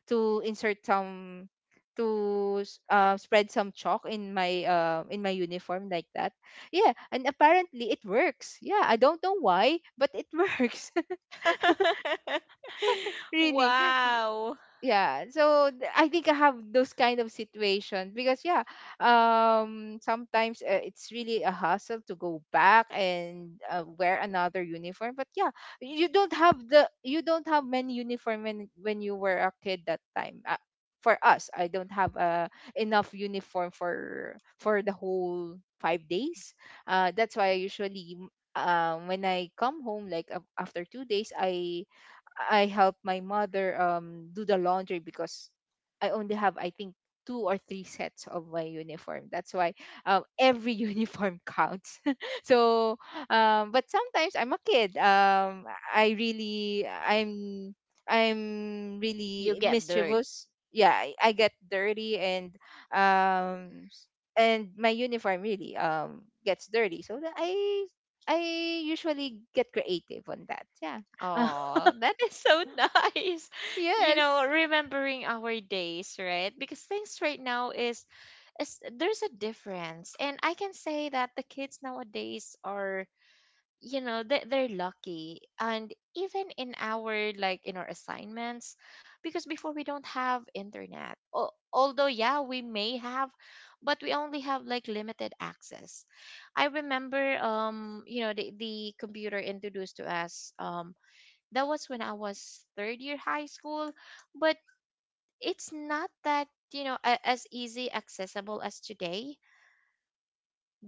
to insert some, to s- uh, spread some chalk in my, uh, in my uniform like that. Yeah, and apparently it works. Yeah, I don't know why, but it works. *laughs* *laughs* really. Wow. Yeah, so th- I think I have those kind of situations. Because yeah, um sometimes, uh, it's really a hassle to go back and, uh, wear another uniform. But yeah, you don't have the, you don't have many uniform when when you were a kid that time. Uh, for us, I don't have, uh, enough uniform for for the whole five days. Uh that's why I usually, um when I come home, like af- after two days, i I help my mother um do the laundry. Because I only have, I think, two or three sets of my uniform. That's why um, every *laughs* uniform counts. *laughs* so, um, but sometimes I'm a kid. Um, I really I'm I'm You really get dirt. mischievous. Yeah, I, I get dirty, and um s- and my uniform really um gets dirty. So that I I usually get creative on that. Yeah. *laughs* Oh, that is so *laughs* nice. You know, Yes. remembering our days, right? Because things right now is is there's a difference. And I can say that the kids nowadays are you know they, they're lucky, and even in our, like in our assignments, because before we don't have internet. Al- although yeah we may have, but we only have like limited access. I remember, um you know the, the computer introduced to us, um that was when I was third year high school. But it's not that, you know, a- as easy accessible as today,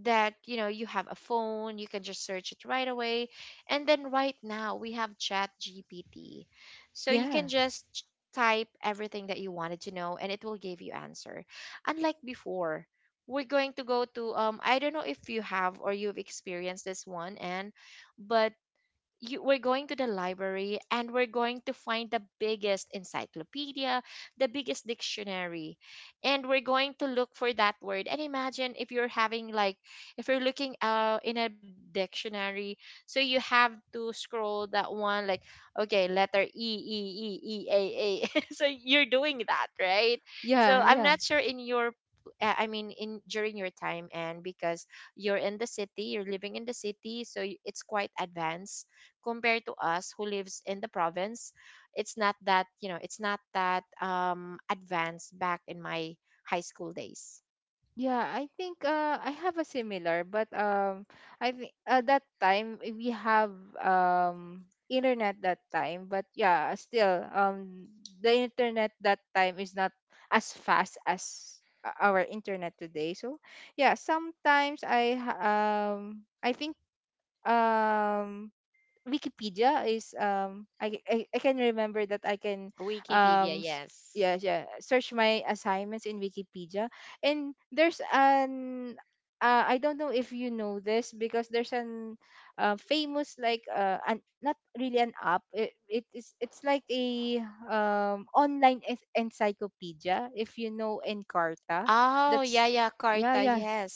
that you know you have a phone, you can just search it right away. And then right now we have chat gpt so you Yeah. can just ch- type everything that you wanted to know, and it will give you answer. Unlike before, we're going to go to, um I don't know if you have or you've experienced this one, and but you, we're going to the library and we're going to find the biggest encyclopedia, the biggest dictionary, and we're going to look for that word. And imagine if you're having like, if you're looking uh, in a dictionary, so you have to scroll that one, like, okay, letter E, E, E, E, A, A. *laughs* So you're doing that, right? So Yeah, I'm yeah. not sure in your uh, I mean, in during your time, and because you're in the city, you're living in the city, so y- it's quite advanced compared to us who lives in the province. It's not that, you know, it's not that um advanced back in my high school days. Yeah, I think uh I have a similar, but um I think at that time, eh, we have um internet that time, but yeah, still um the internet that time is not as fast as o- our internet today. So, yeah, sometimes I ha- um I think um Wikipedia is, um I, I I can remember that I can Wikipedia, um s- yeah, yes. yeah, search my assignments in Wikipedia. And there's an uh, I don't know if you know this, because there's an, uh, famous like, uh, an not really an app, it, it is it's like a um online en- encyclopedia, if you know Encarta. Oh That's, yeah, yeah, yeah, carta, yeah. yes.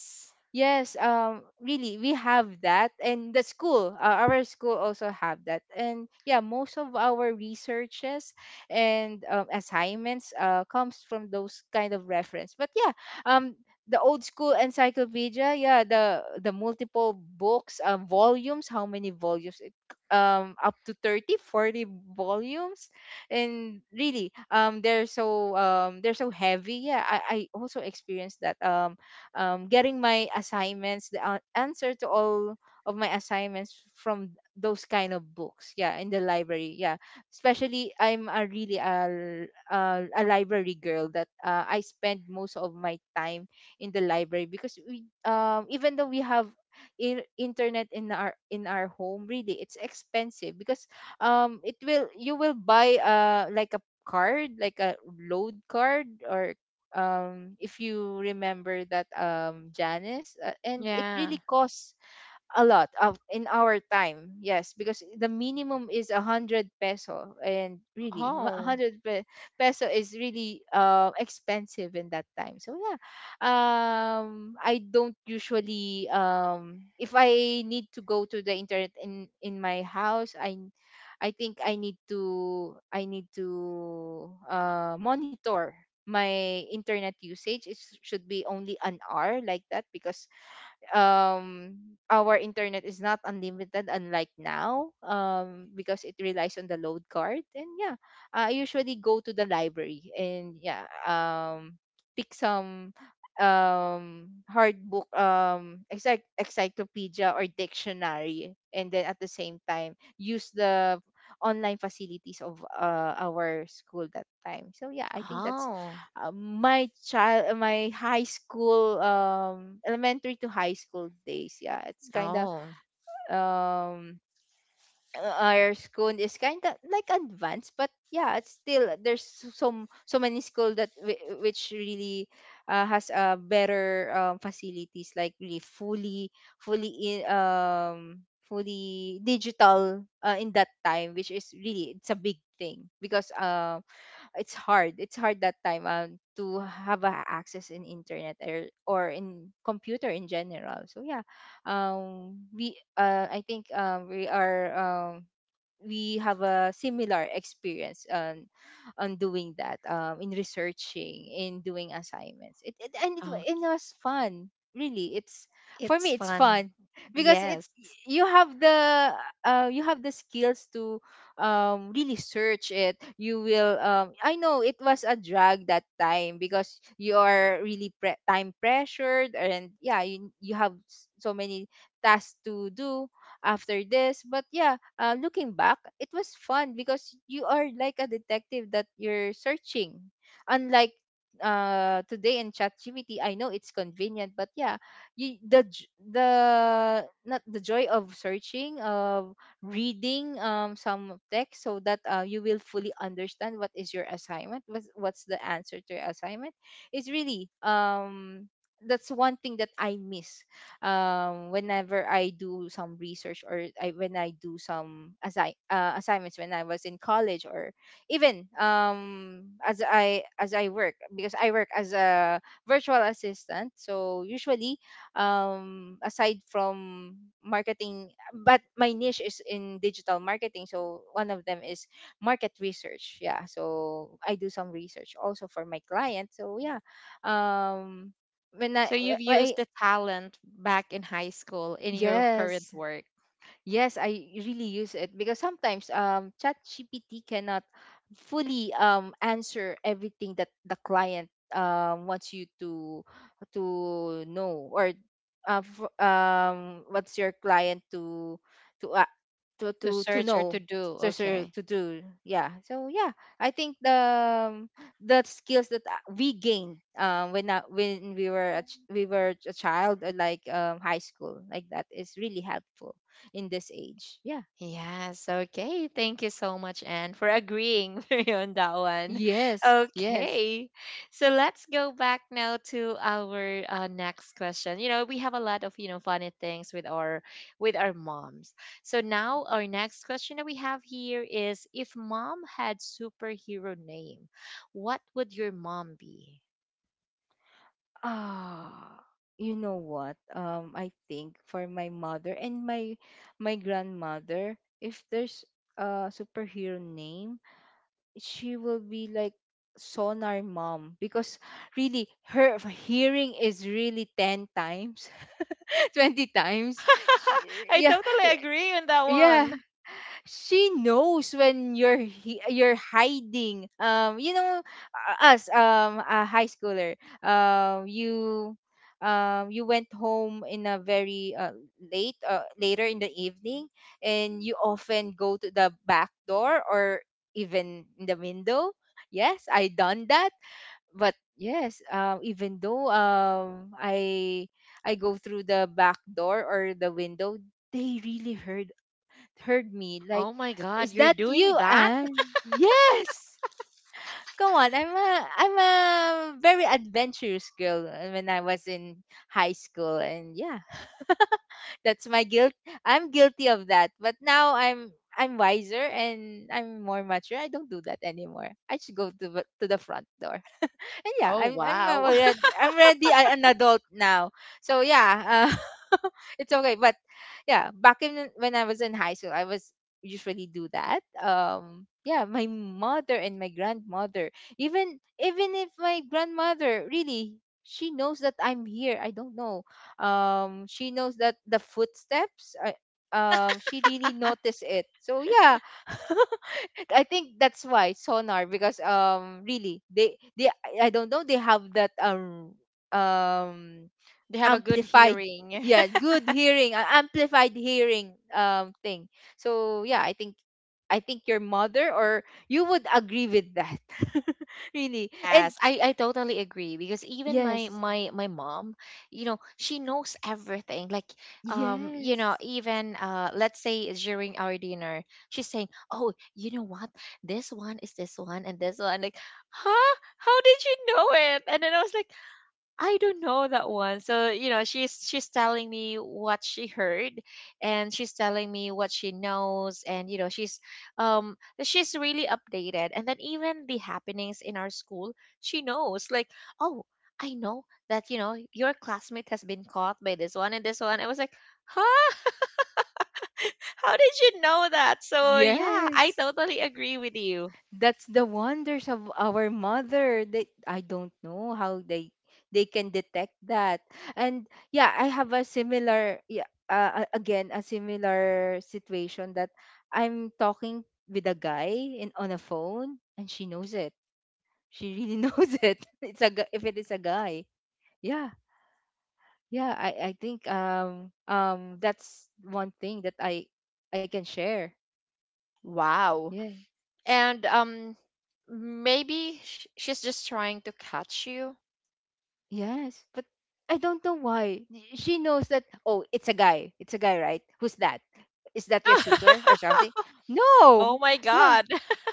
Yes, um, really, we have that, and the school, uh, our school also have that, and yeah, most of our researches and um, assignments uh, comes from those kind of reference. But yeah, um, the old school encyclopedia, yeah, the the multiple books, um, volumes, how many volumes? It, um, up to thirty, forty volumes, and really, um, they're so um, they're so heavy. Yeah, I, I also experienced that. Um um, getting my assignments, the an- answer to all of my assignments from those kind of books. Yeah, in the library. Yeah, especially I'm a really a, a, a library girl, that uh, I spend most of my time in the library. Because we um, even though we have in, internet in our, in our home, really it's expensive. Because um it will, you will buy uh like a card, like a load card, or um if you remember that, um Janice, uh, and it Yeah. really caused a lot of in our time. Yes, because the minimum is a hundred peso, and really a Oh, hundred pe- peso is really, uh, expensive in that time. So yeah, um I don't usually, um if I need to go to the internet in in my house, I I think I need to I need to, uh monitor my internet usage. It should be only an hour like that. Because um our internet is not unlimited, unlike now, um because it relies on the load card. And yeah, I usually go to the library, and yeah, um pick some um hard book, um encyc- encyclopedia or dictionary, and then at the same time use the online facilities of, uh, our school that time. So yeah, I think that's, oh, uh, my child, my high school, um elementary to high school days. Yeah, it's kind of oh, um our school is kind of like advanced. But yeah, it's still there's, s- some so many school that whi- which really, uh, has, uh, better, um, facilities, like really fully fully in um fully digital, uh, in that time, which is really, it's a big thing. Because um, it's hard. It's hard that time um to have a access in internet or or in computer in general. So yeah, um we uh I think um we are um, we have a similar experience on on doing that, um, in researching, in doing assignments, it, it and it, oh, wa- it was fun, really. it's for it's me it's fun. fun *laughs* because it Yes. you have the uh, you have the skills to um, really search it. You will, um, I know it was a drag that time because you are really pre- time pressured, and yeah, you, you have s- so many tasks to do after this. But yeah, uh, looking back, it was fun because you are like a detective that you're searching. Unlike uh today in ChatGPT, I know it's convenient, but yeah, you, the j- the not the joy of searching, of reading um some text so that uh, you will fully understand what is your assignment, what's what's the answer to your assignment is really um that's one thing that I miss um whenever I do some research, or I, when I do some assi- uh, assignments, when I was in college, or even um as I as I work, because I work as a virtual assistant. So usually, um aside from marketing, but my niche is in digital marketing, so one of them is market research. Yeah, so I do some research also for my client. So yeah, um when I, So you've wh- wh- I used the talent back in high school in your current yes. work. Yes, I really use it because sometimes um ChatGPT cannot fully um answer everything that the client um wants you to to know, or uh, f- um what's your client to to uh, to To to to search or to know do, to to okay. to do. Yeah. So yeah, I think the, um, the skills that uh, we gained um when, uh, when we were a ch- we were a child, or like um high school like that, is really helpful in this age. Yeah. Yes, okay. Thank you so much, Anne, for agreeing *laughs* with me on that one. Yes, yes. Okay, so let's go back now to our uh, next question. You know, we have a lot of, you know, funny things with our with our moms. So now our next question that we have here is: if mom had superhero name, what would your mom be? Ah, you know what? Um, I think for my mother and my my grandmother, if there's a superhero name, she will be like Sonar Mom because really her hearing is really ten times, *laughs* twenty times. She, *laughs* I yeah, totally yeah. agree on that Yeah. one. She knows when you're hi- you're hiding, um you know uh, us um a high schooler, um you um you went home in a very, uh, late uh, later in the evening, and you often go to the back door or even in the window. Yes, I done that. But yes, um even though um i i go through the back door or the window, they really heard, heard me like, Oh my God, "Is you're that you, doing that? Anne?" Yes. Come on, I'm a I'm a very adventurous girl uh, when I was in high school, and yeah, that's my guilt. I'm guilty of that, but now I'm I'm wiser and I'm more mature. I don't do that anymore. I just go to the- to the front door. *laughs* And yeah, Oh I'm I'm wow. already I'm already a- an adult now. So yeah, uh, *laughs* it's okay. But yeah, back in when I was in high school, I was usually do that. Um, yeah, my mother and my grandmother, even even if my grandmother, really she knows that I'm here. I don't know. Um, she knows that the footsteps. I, um, she really noticed it. So yeah, *laughs* I think that's why Sonar, because um really they they I I don't know, they have that um um They have a good amplified, hearing. yeah, *laughs* good hearing, uh, amplified hearing um thing. So yeah, I think I think your mother or you would agree with that. *laughs* Really. And Yes, I, I totally agree because even my yes. my my mom, you know, she knows everything. Like, um, you know, Yes. even uh, let's say during our dinner, she's saying, "Oh, you know what? This one is this one and this one." Like, huh? How did you know it? And then I was like, I don't know that one. So, you know, she's she's telling me what she heard, and she's telling me what she knows, and you know, she's um she's really updated. And then even the happenings in our school, she knows like, "Oh, I know that, you know, your classmate has been caught by this one and this one." I was like, "Huh? *laughs* How did you know that?" So, yeah, I Yes, totally agree with you. that's the wonders of our mother that I don't know how they they can detect that. And yeah, I have a similar, yeah, uh, a- again, a similar situation that I'm talking with a guy in on a phone and she knows it. She really *laughs* knows it. It's a gu- if it is a guy. Yeah. Yeah. I i think um um that's one thing that i i can share. Wow. Yeah. And um maybe sh- she's just trying to catch you. Yes, but I don't know why. Y- She knows that, oh, it's a guy. It's a guy, right? Who's that? Is that your suitor or something? *laughs* Oh No. my Yeah. God. *laughs*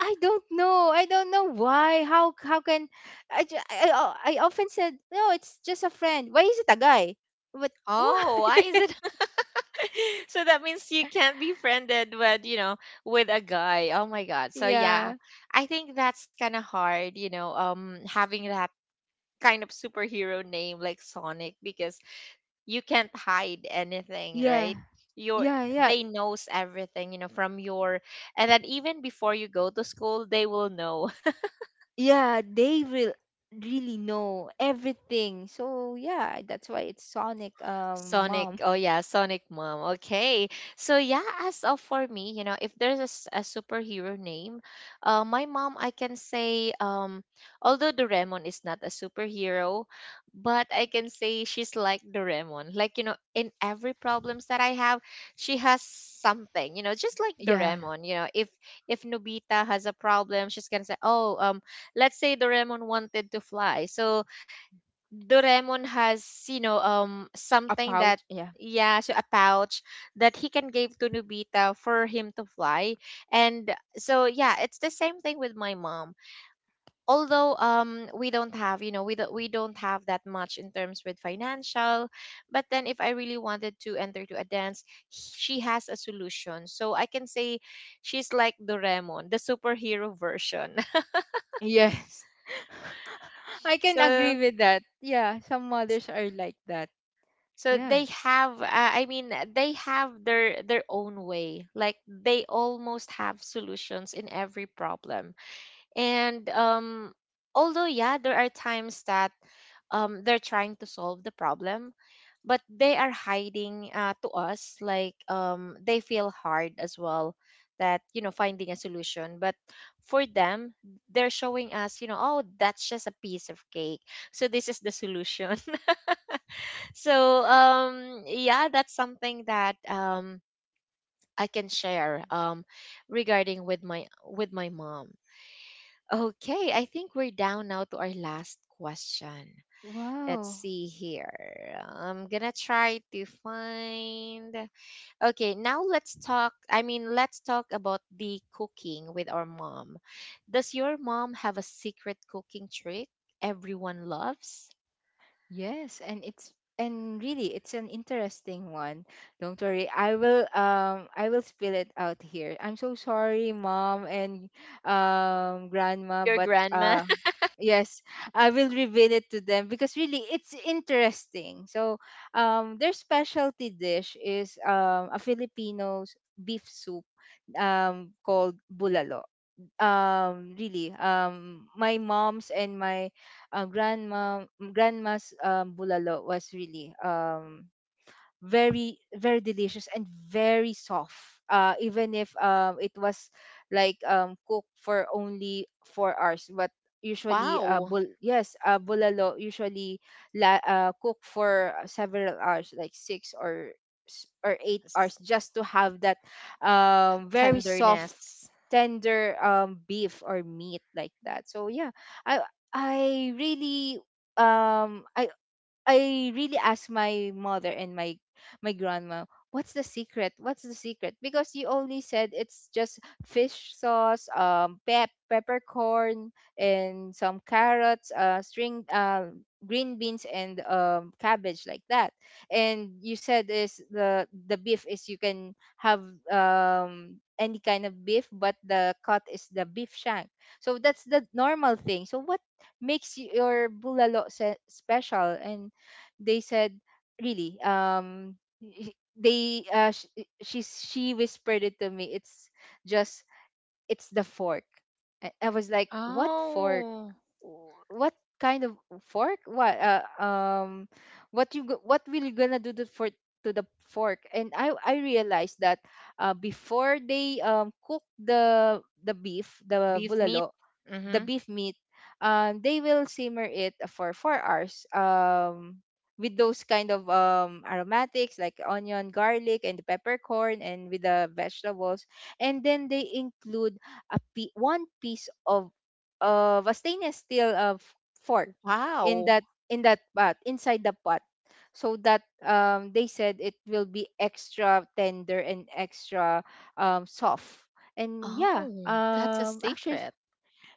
I don't know. I don't know why. How how can I ju- I, I I often said, "No, it's just a friend." Why is it a guy? But *laughs* why? Oh, why is it? *laughs* So that means you can't be friended with, you know, with a guy. Oh my God. So yeah, Yeah. I think that's kind of hard, you know, um having that kind of superhero name like Sonic, because you can't hide anything, Yeah. right? Your Yeah, yeah. they knows everything, you know, from your, and then even before you go to school, they will know. Yeah, they will really know everything. So, yeah, that's why it's Sonic um Sonic. mom. Oh yeah, Sonic Mom. Okay. So yeah, as of for me, you know, if there's a, s- a superhero name, uh, my mom, I can say, um, although Doraemon is not a superhero, but I can say she's like Doraemon. Like, you know, in every problems that I have, she has something. You know, just like Yeah. Doraemon. You know, if if Nobita has a problem, she's gonna say, oh, um, let's say Doraemon wanted to fly, so Doraemon has, you know, um, A something that, pouch. Yeah. yeah, so a pouch that he can give to Nobita for him to fly. And so yeah, it's the same thing with my mom. Although um we don't have, you know, we don't we don't have that much in terms with financial, but then if I really wanted to enter to a dance, she has a solution. So I can say she's like Doraemon, the superhero version. *laughs* Yes. *laughs* I can agree So with that. Yeah, some mothers are like that. so Yeah. they have, uh, I mean, they have their their own way. Like they almost have solutions in every problem. And um, although yeah, there are times that um they're trying to solve the problem, but they are hiding uh, to us. Like um, they feel hard as well, that you know, finding a solution. But for them, they're showing us, you know, oh, that's just a piece of cake. So this is the solution. *laughs* So um yeah, that's something that um I can share um regarding with my with my mom. Okay, I think we're down now to our last question. Let's Wow. see here, I'm gonna try to find. Okay, now let's talk, I mean, let's talk about the cooking with our mom. Does your mom have a secret cooking trick everyone loves? Yes, and it's and really it's an interesting one. Don't worry, I will um I will spill it out here. I'm so sorry, mom and um grandma, Your but grandma. uh, yes, I will reveal it to them because really it's interesting. So um their specialty dish is um a Filipino's beef soup um called bulalo. Um really, um my mom's and my uh, grandma grandma's um bulalo was really um very very delicious and very soft, uh, even if um it was like um cooked for only four hours. But *laughs* usually, uh Wow. bul- yes, uh, bulalo usually la- uh, cook for several hours, like six or s- or eight hours, s- just to have that um very soft, Tenderness. tender, um beef or meat like that. So yeah, i i really um I I really asked my mother and my my grandma, what's the secret? What's the secret? Because you only said it's just fish sauce, um, pep- peppercorn, and some carrots, uh, string, uh, green beans, and, um, cabbage like that. And you said is the the beef is you can have, um any kind of beef, but the cut is the beef shank. So that's the normal thing. So what makes your bulalo se- special? They said really, um y- they uh sh- she she whispered it to me. It's just, it's the fork. I, I was like, what fork? Oh, w- What kind of fork? What uh, um what you go- what will you gonna do to, for to the fork? And i i realized that, uh, before they um cook the the beef, the the beef meat. bulalo, the Mm-hmm. beef meat, um they will simmer it for four hours, um with those kind of um aromatics like onion, garlic, and the peppercorn, and with the vegetables. And then they include a pi- one piece of of a stainless steel of fork in Wow. that, in that pot, inside the pot, so that, um, they said it will be extra tender and extra, um, soft. And yeah, Oh, that's a um actually, secret.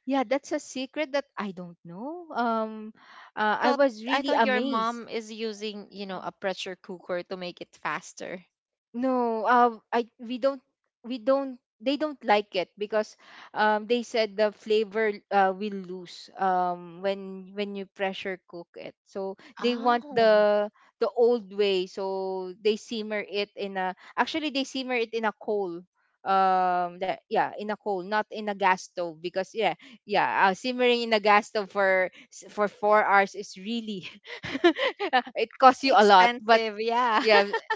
yeah, that's a secret that I don't know. um uh, I I thought was I really thought your amazed. mom is using, you know, a pressure cooker to make it faster. No, uh, I we don't we don't they don't like it because um they said the flavor, uh, will lose um when when you pressure cook it. So they want Oh, the the old way. So they simmer it in a, actually they simmer it in a coal. Um that, yeah, in a coal, not in a gas stove, because yeah, yeah, uh, simmering in a gas stove for s- for four hours is really *laughs* it costs you a lot. But expensive, yeah. yeah, *laughs*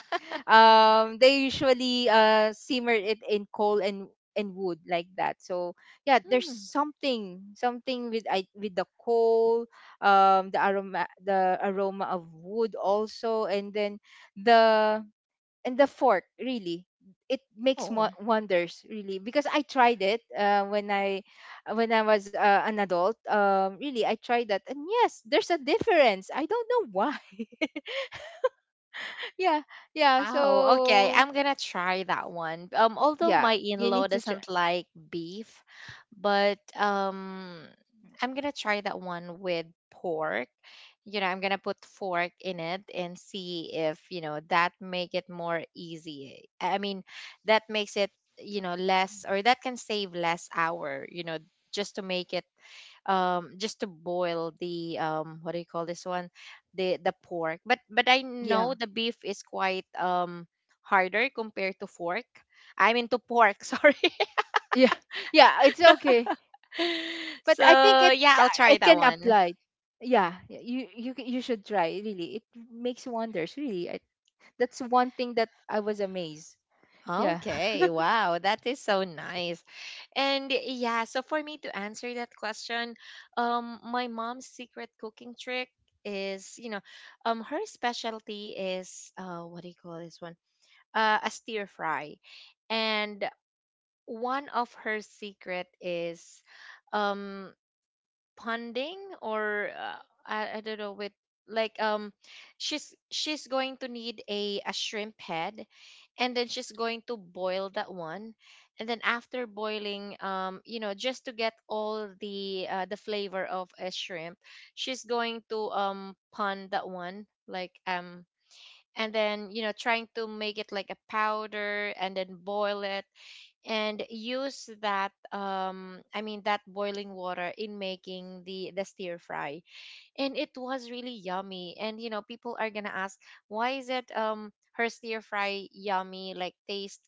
um they usually, uh, simmer it in coal and and wood like that. So yeah, there's Mm. something something with, I, with the coal, um the aroma, the aroma of wood also, and then the and the fork, really. It makes Oh. mo- wonders, really, because I tried it, uh, when i when I was, uh, an adult. Um really, I tried that and yes, there's a difference. I don't know why. *laughs* Yeah. Yeah. Wow. Okay, So I'm gonna try that one. Um, although yeah, my you in-law need to try. doesn't like beef, but um, I'm gonna try that one with pork. You know, I'm gonna put fork in it and see if, you know, that make it more easy. I mean, that makes it, you know, less or that can save less hour, you know, just to make it um just to boil the um what do you call this one? the the pork. But but I know Yeah. the beef is quite um harder compared to fork. I'm into pork, *laughs* sorry. *laughs* Yeah. *laughs* Yeah, it's okay. But I think So it, yeah, I'll uh, try it that can one. apply. Yeah, y- you you c- you should try, really. It makes wonders, really. I, that's one thing that I was amazed. Yeah. Okay, *laughs* wow, that is so nice. And yeah, so for me to answer that question, um, my mom's secret cooking trick is, you know, um, her specialty is, uh, what do you call this one? Uh, a stir fry. And one of her secret is um ponding, or uh, I, I don't know with like um she's she's going to need a a shrimp head, and then she's going to boil that one. And then after boiling, um, you know, just to get all the uh, the flavor of a shrimp, she's going to um pond that one like um, and then you know, trying to make it like a powder, and then boil it, and use that um, I mean, that boiling water in making the the stir fry. And it was really yummy, and you know, people are gonna ask, why is it um her stir fry yummy, like taste,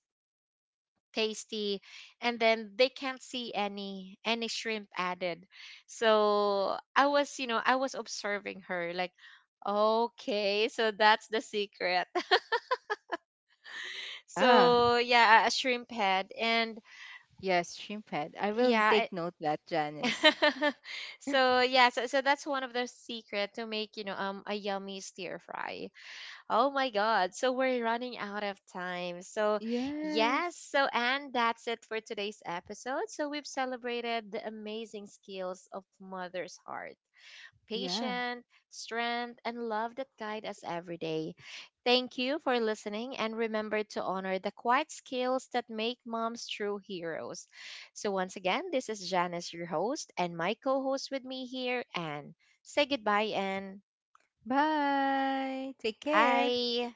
tasty, and then they can't see any any shrimp added. So I was, you know, I was observing her, like, okay, so that's the secret. *laughs* Ah, So yeah, a a shrimp head. And yes, shrimp head. I will yeah. take note that, Janice. *laughs* So yeah, so, so that's one of the secret to make, you know, um a yummy stir fry. Oh my God! So we're running out of time. So yes, Yes. so and that's it for today's episode. So we've celebrated the amazing skills of mother's heart, Yeah, patience, strength, and love that guide us every day. Thank you for listening, and remember to honor the quiet skills that make moms true heroes. So, once again, this is Janice, your host, and my co host with me here, Anne. Say goodbye, Anne. bye, take care. Bye.